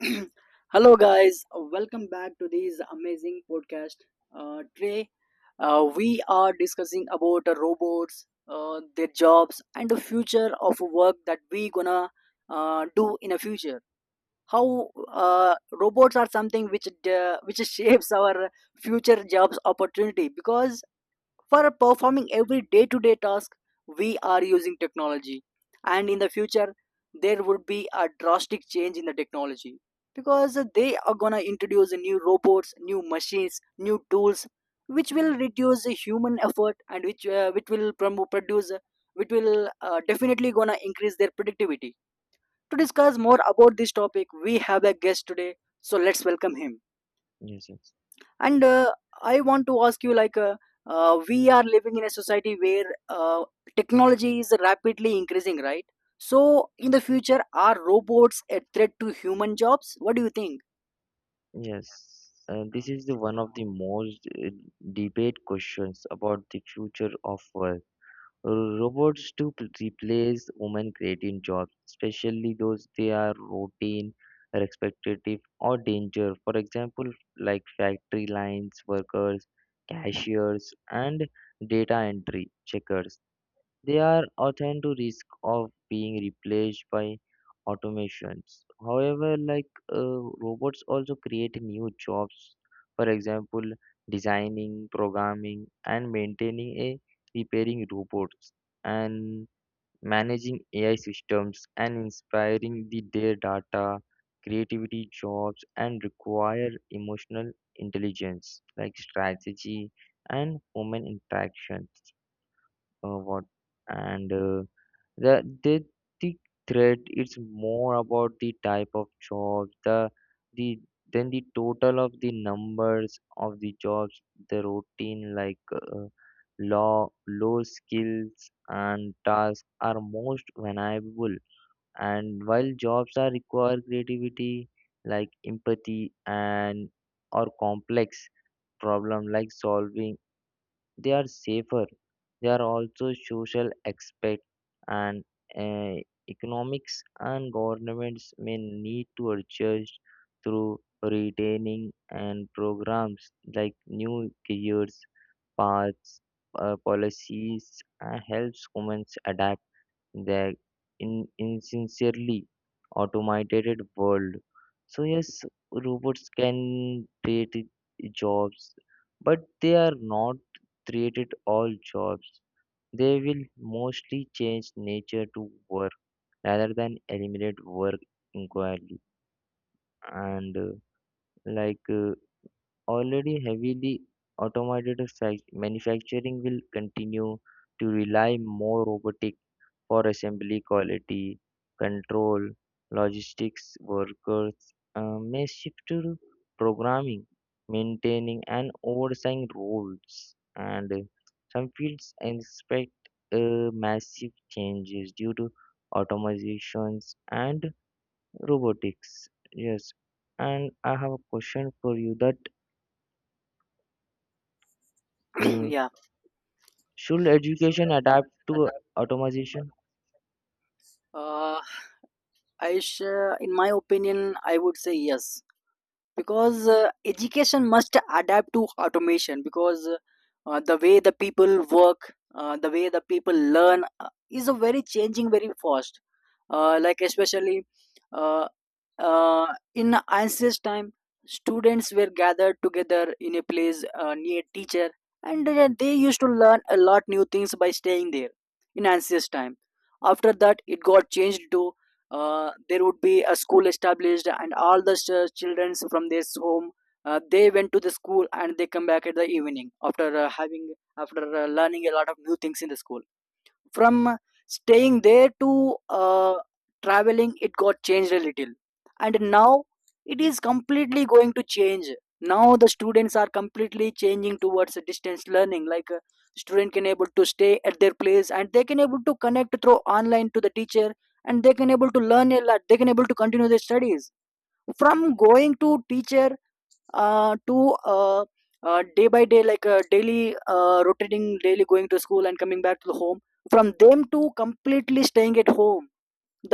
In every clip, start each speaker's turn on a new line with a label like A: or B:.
A: Hello, guys. Welcome back to this amazing podcast. Today, we are discussing about robots, their jobs, and the future of work that we gonna do in a future. How robots are something which shapes our future jobs opportunity, because for performing every day to day task we are using technology, and in the future there would be a drastic change in the technology because they are going to introduce new robots, new machines, new tools which will reduce the human effort and which will produce which will definitely going to increase their productivity. To discuss more about this topic, we have a guest today, so let's welcome him.
B: Yes, sir.
A: And I want to ask you like we are living in a society where technology is rapidly increasing, right? So in the future, are robots a threat to human jobs? What do you think?
B: Yes. This is the one of the most debate questions about the future of work. Robots to replace women creating jobs, especially those they are routine, repetitive, or danger. For example, like factory lines workers, cashiers, and data entry checkers. They are often to risk of being replaced by automations. However, like robots also create new jobs. For example, designing, programming, and maintaining a repairing robots and managing AI systems and inspiring the their data, creativity jobs and require emotional intelligence like strategy and human interactions. What and The didactic thread is more about the type of jobs, the then the total of the numbers of the jobs, the routine like law, low skills and tasks are most vulnerable. And while jobs are require creativity, like empathy and or complex problem like solving they are safer. They are also social aspect and uh, economics and governments may need to adjust through retaining and programs like new careers, paths, policies, and helps women adapt the in insincerely automated world. So yes, robots can create jobs, but they are not created all jobs. They will mostly change nature to work rather than eliminate work entirely. And like Already heavily automated manufacturing will continue to rely more robotic for assembly quality control, logistics workers may shift to programming, maintaining, and oversight roles. And Some fields expect massive changes due to automatizations and robotics. Yes, and I have a question for you that uh,
A: Yeah.
B: should education adapt to automation?
A: Uh, i sh- in my opinion, I would say yes, because education must adapt to automation because the way the people work, the way the people learn, is a very changing, very fast. Uh, like especially uh, uh, in ancient time, students were gathered together in a place near teacher, and they used to learn a lot new things by staying there in ancient time. After that, it got changed to, there would be a school established and all the childrens from this home, they went to the school and they come back at the evening after having after learning a lot of new things in the school. From staying there to, uh, traveling, it got changed a little, and now it is completely going to change. Now the students are completely changing towards a distance learning, like a student can able to stay at their place and they can able to connect through online to the teacher, and they can able to learn a lot, they can able to continue their studies. From going to teacher, to day by day, like daily, rotating daily going to school and coming back to the home, from them to completely staying at home,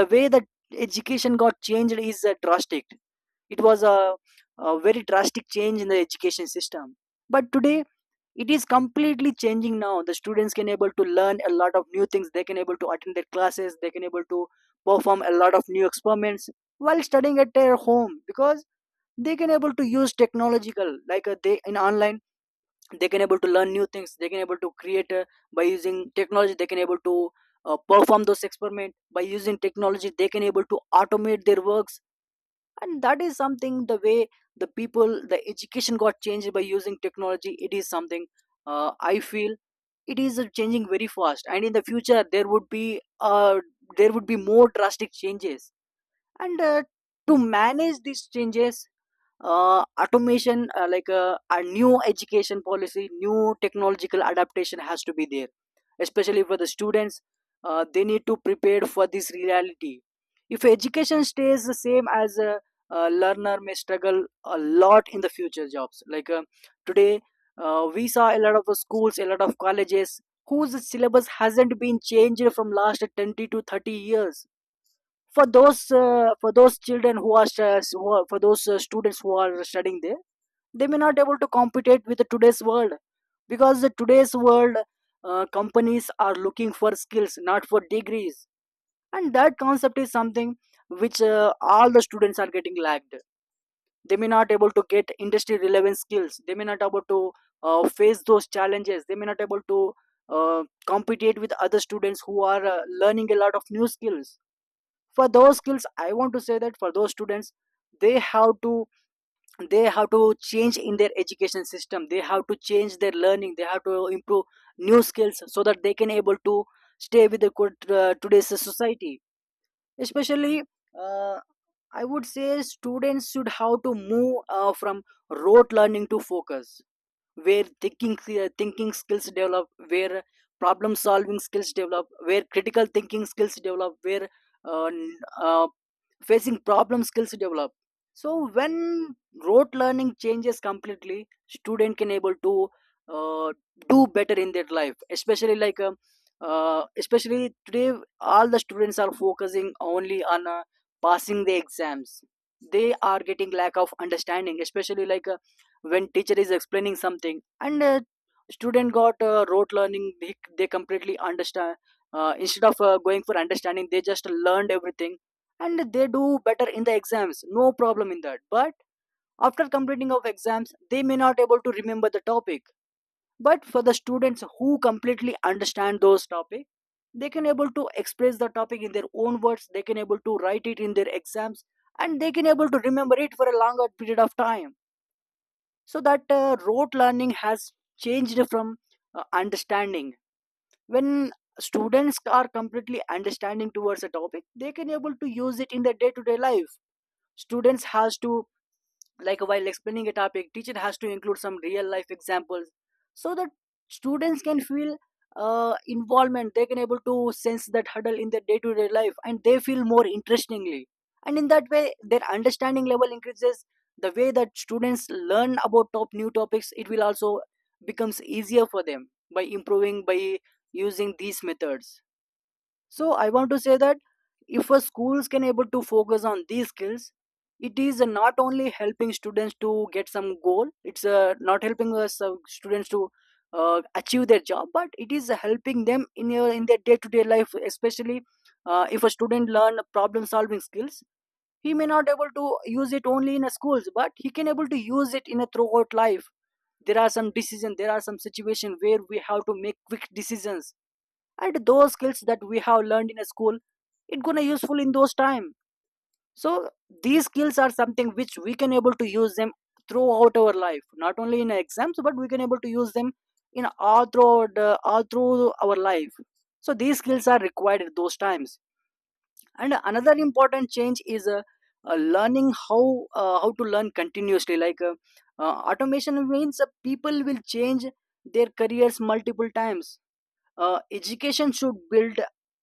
A: the way that education got changed is drastic. It was a very drastic change in the education system. But today it is completely changing. Now the students can able to learn a lot of new things, they can able to attend their classes, they can able to perform a lot of new experiments while studying at their home, because they can able to use technological, like they in online they can able to learn new things, they can able to create by using technology, they can able to perform those experiment by using technology, they can able to automate their works. And that is something. The way the people the education got changed by using technology, it is something I feel it is changing very fast, and in the future there would be, uh, there would be more drastic changes. And to manage these changes, automation like a new education policy, new technological adaptation has to be there, especially for the students. They need to prepare for this reality. If education stays the same, a learner may struggle a lot in the future jobs. Today we saw a lot of schools, a lot of colleges whose syllabus hasn't been changed from last 20 to 30 years. For those children who are stu- who are- for those students who are studying there, they may not able to compete with the today's world, because the today's world companies are looking for skills, not for degrees. And that concept is something which all the students are getting lagged. They may not able to get industry relevant skills, they may not able to face those challenges, they may not able to uh, compete with other students who are learning a lot of new skills. For those skills, I want to say that for those students, they have to, they have to change in their education system, they have to change their learning, they have to improve new skills so that they can able to stay with the good, today's society. Especially, uh, I would say students should have to move from rote learning to focus where thinking, thinking skills develop, where problem solving skills develop, where critical thinking skills develop, where uh, n- uh, facing problem skills develop. So when rote learning changes completely, student can able to uh, do better in their life. Especially like especially today all the students are focusing only on passing the exams. They are getting lack of understanding, especially like when teacher is explaining something, and student got rote learning, they completely understand. Instead of going for understanding, they just learned everything, and they do better in the exams, no problem in that. But after completing of exams, they may not able to remember the topic. But for the students who completely understand those topic, they can able to express the topic in their own words, they can able to write it in their exams, and they can able to remember it for a longer period of time. So that rote learning has changed from understanding. When students are completely understanding towards a topic, they can able to use it in their day to day life. Students has to, like while explaining a topic, teacher has to include some real life examples so that students can feel involvement, they can able to sense that hurdle in their day-to-day life, and they feel more interestingly, and in that way their understanding level increases. The way that students learn about top new topics, it will also becomes easier for them by improving, by using these methods. So I want to say that if a schools can able to focus on these skills, it is not only helping students to get some goal. It's not helping us students to achieve their job, but it is helping them in your in their day to day life. Especially if a student learn problem solving skills, he may not able to use it only in a schools, but he can able to use it in a throughout life. There are some decisions, there are some situation where we have to make quick decisions, and those skills that we have learned in a school, it gonna useful in those time. So these skills are something which we can able to use them throughout our life, not only in exams but we can able to use them in all throughout all through our life. So these skills are required at those times. And another important change is learning how, how to learn continuously. Automation means people will change their careers multiple times. Education should build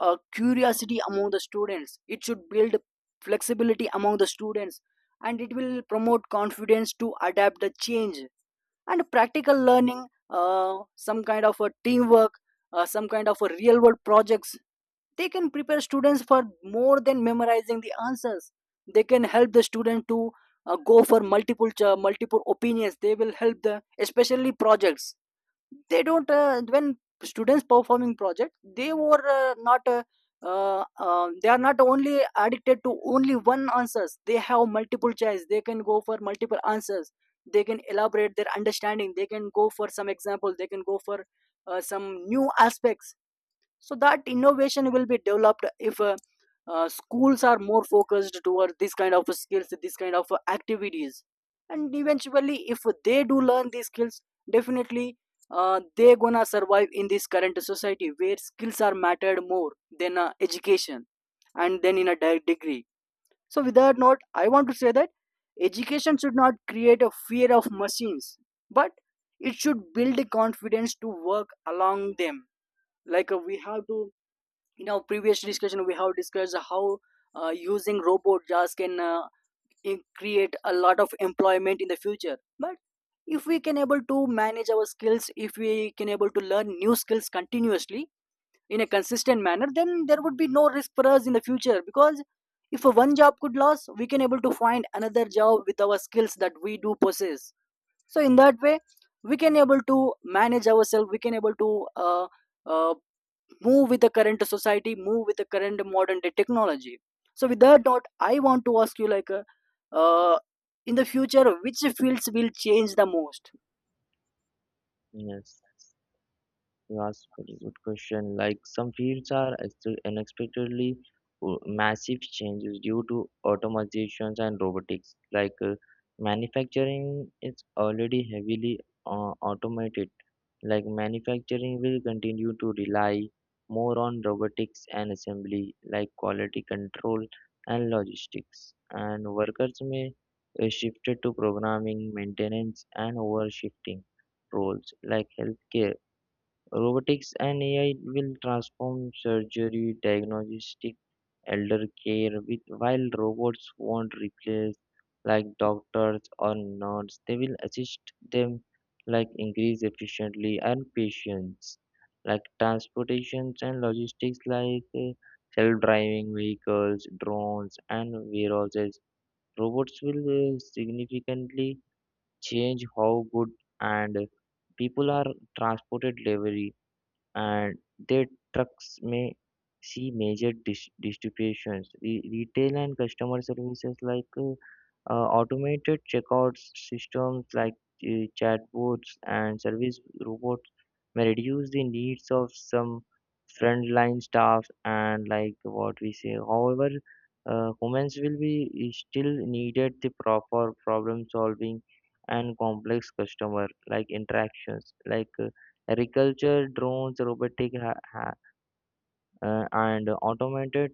A: curiosity among the students, it should build flexibility among the students, and it will promote confidence to adapt the change. And practical learning, some kind of a teamwork, some kind of a real world projects, they can prepare students for more than memorizing the answers. They can help the student to go for multiple opinions, they will help the especially projects, they don't, when students performing project, they were not they are not only addicted to only one answers, they have multiple choice, they can go for multiple answers, they can elaborate their understanding, they can go for some example, they can go for some new aspects. So that innovation will be developed if schools are more focused towards this kind of skills, this kind of activities. And eventually, if they do learn these skills, definitely they gonna survive in this current society where skills are mattered more than education, and then in a degree. So with that note, I want to say that education should not create a fear of machines, but it should build the confidence to work along them. Like we have to, in our previous discussion we have discussed how using robot jobs can create a lot of employment in the future. But if we can able to manage our skills, if we can able to learn new skills continuously in a consistent manner, then there would be no risk for us in the future, because if a one job could lose, we can able to find another job with our skills that we do possess. So in that way, we can able to manage ourselves, we can able to uh, move with the current society, move with the current modern day technology. So with that note, I want to ask you like, uh, in the future, which fields will change the most?
B: Yes. You asked very good question. Like some fields are unexpectedly massive changes due to automatizations and robotics. Manufacturing is already heavily automated. Like manufacturing will continue to rely more on robotics and assembly, like quality control and logistics. And workers may shifted to programming, maintenance, and overshifting roles like healthcare. Robotics and AI will transform surgery, diagnostic, elder care, with, while robots won't replace like doctors or nurses. They will assist them like increase efficiently and patience, like transportations and logistics self-driving vehicles, drones and warehouses. Robots will significantly change how good and people are transported delivery and their trucks may see major distributions. Retail and customer services automated checkout systems chatbots and service robots may reduce the needs of some frontline staff and like what we say. However, humans will be is still needed the proper problem solving and complex customer like interactions Agriculture, drones, robotic and automated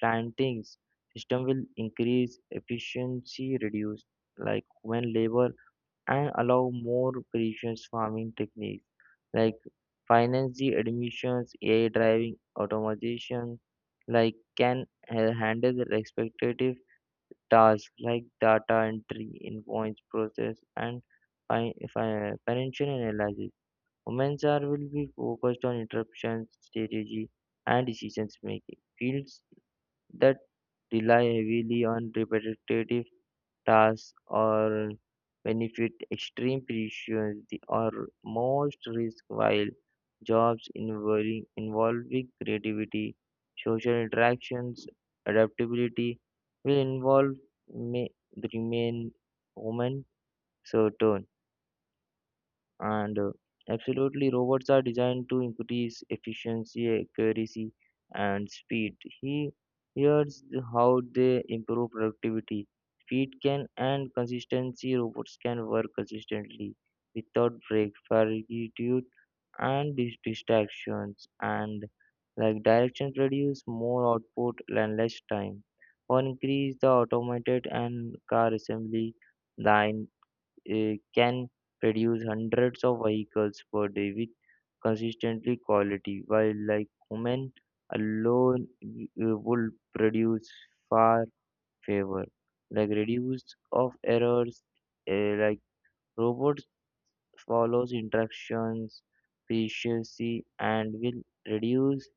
B: plantings system will increase efficiency, reduce like human labor, and allow more precious farming techniques like finance the admissions, AI driving automation, like can handle the expectative tasks like data entry, invoice process, and financial analysis. Women's are will be focused on interruption strategy and decisions making, fields that rely heavily on repetitive tasks or benefit extreme precision or most risk while jobs involving creativity, social interactions, adaptability will involve may remain women certain. And Absolutely, robots are designed to increase efficiency, accuracy, and speed. He Here's how they improve productivity. Speed can and consistency. Robots can work consistently without break, fatigue, and distractions. And like directions produce more output and less time. One increase the automated and car assembly line can produce hundreds of vehicles per day with consistently quality, while like women alone would produce far favor. Like reduce of errors, like robots follows instructions preciously and will reduce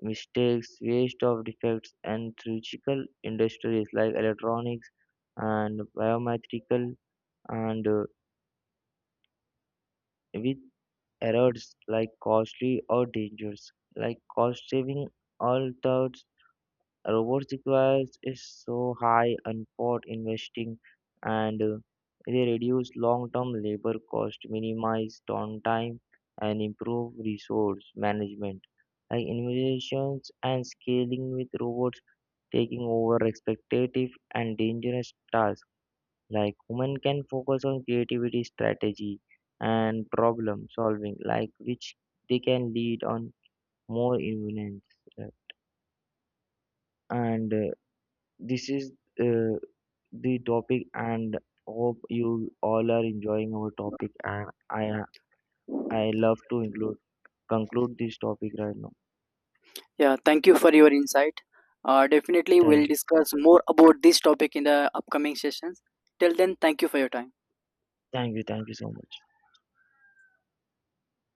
B: mistakes, waste of defects, and surgical industries like electronics and biometrical and with errors like costly or dangerous. Like cost saving all thoughts robots requires is so high and for investing and they reduce long term labor cost, minimize downtime and improve resource management. Like innovations and scaling with robots taking over expectative and dangerous tasks like women can focus on creativity, strategy, and problem solving, like which they can lead on more influence. Uh, And This is uh, the topic, and hope you all are enjoying our topic. And I love to include conclude this topic right now.
A: Yeah, thank you for your insight. Definitely, we'll
B: Thank you,
A: discuss more about this topic in the upcoming sessions. Till then, thank you for your time.
B: thank you, thank you so much.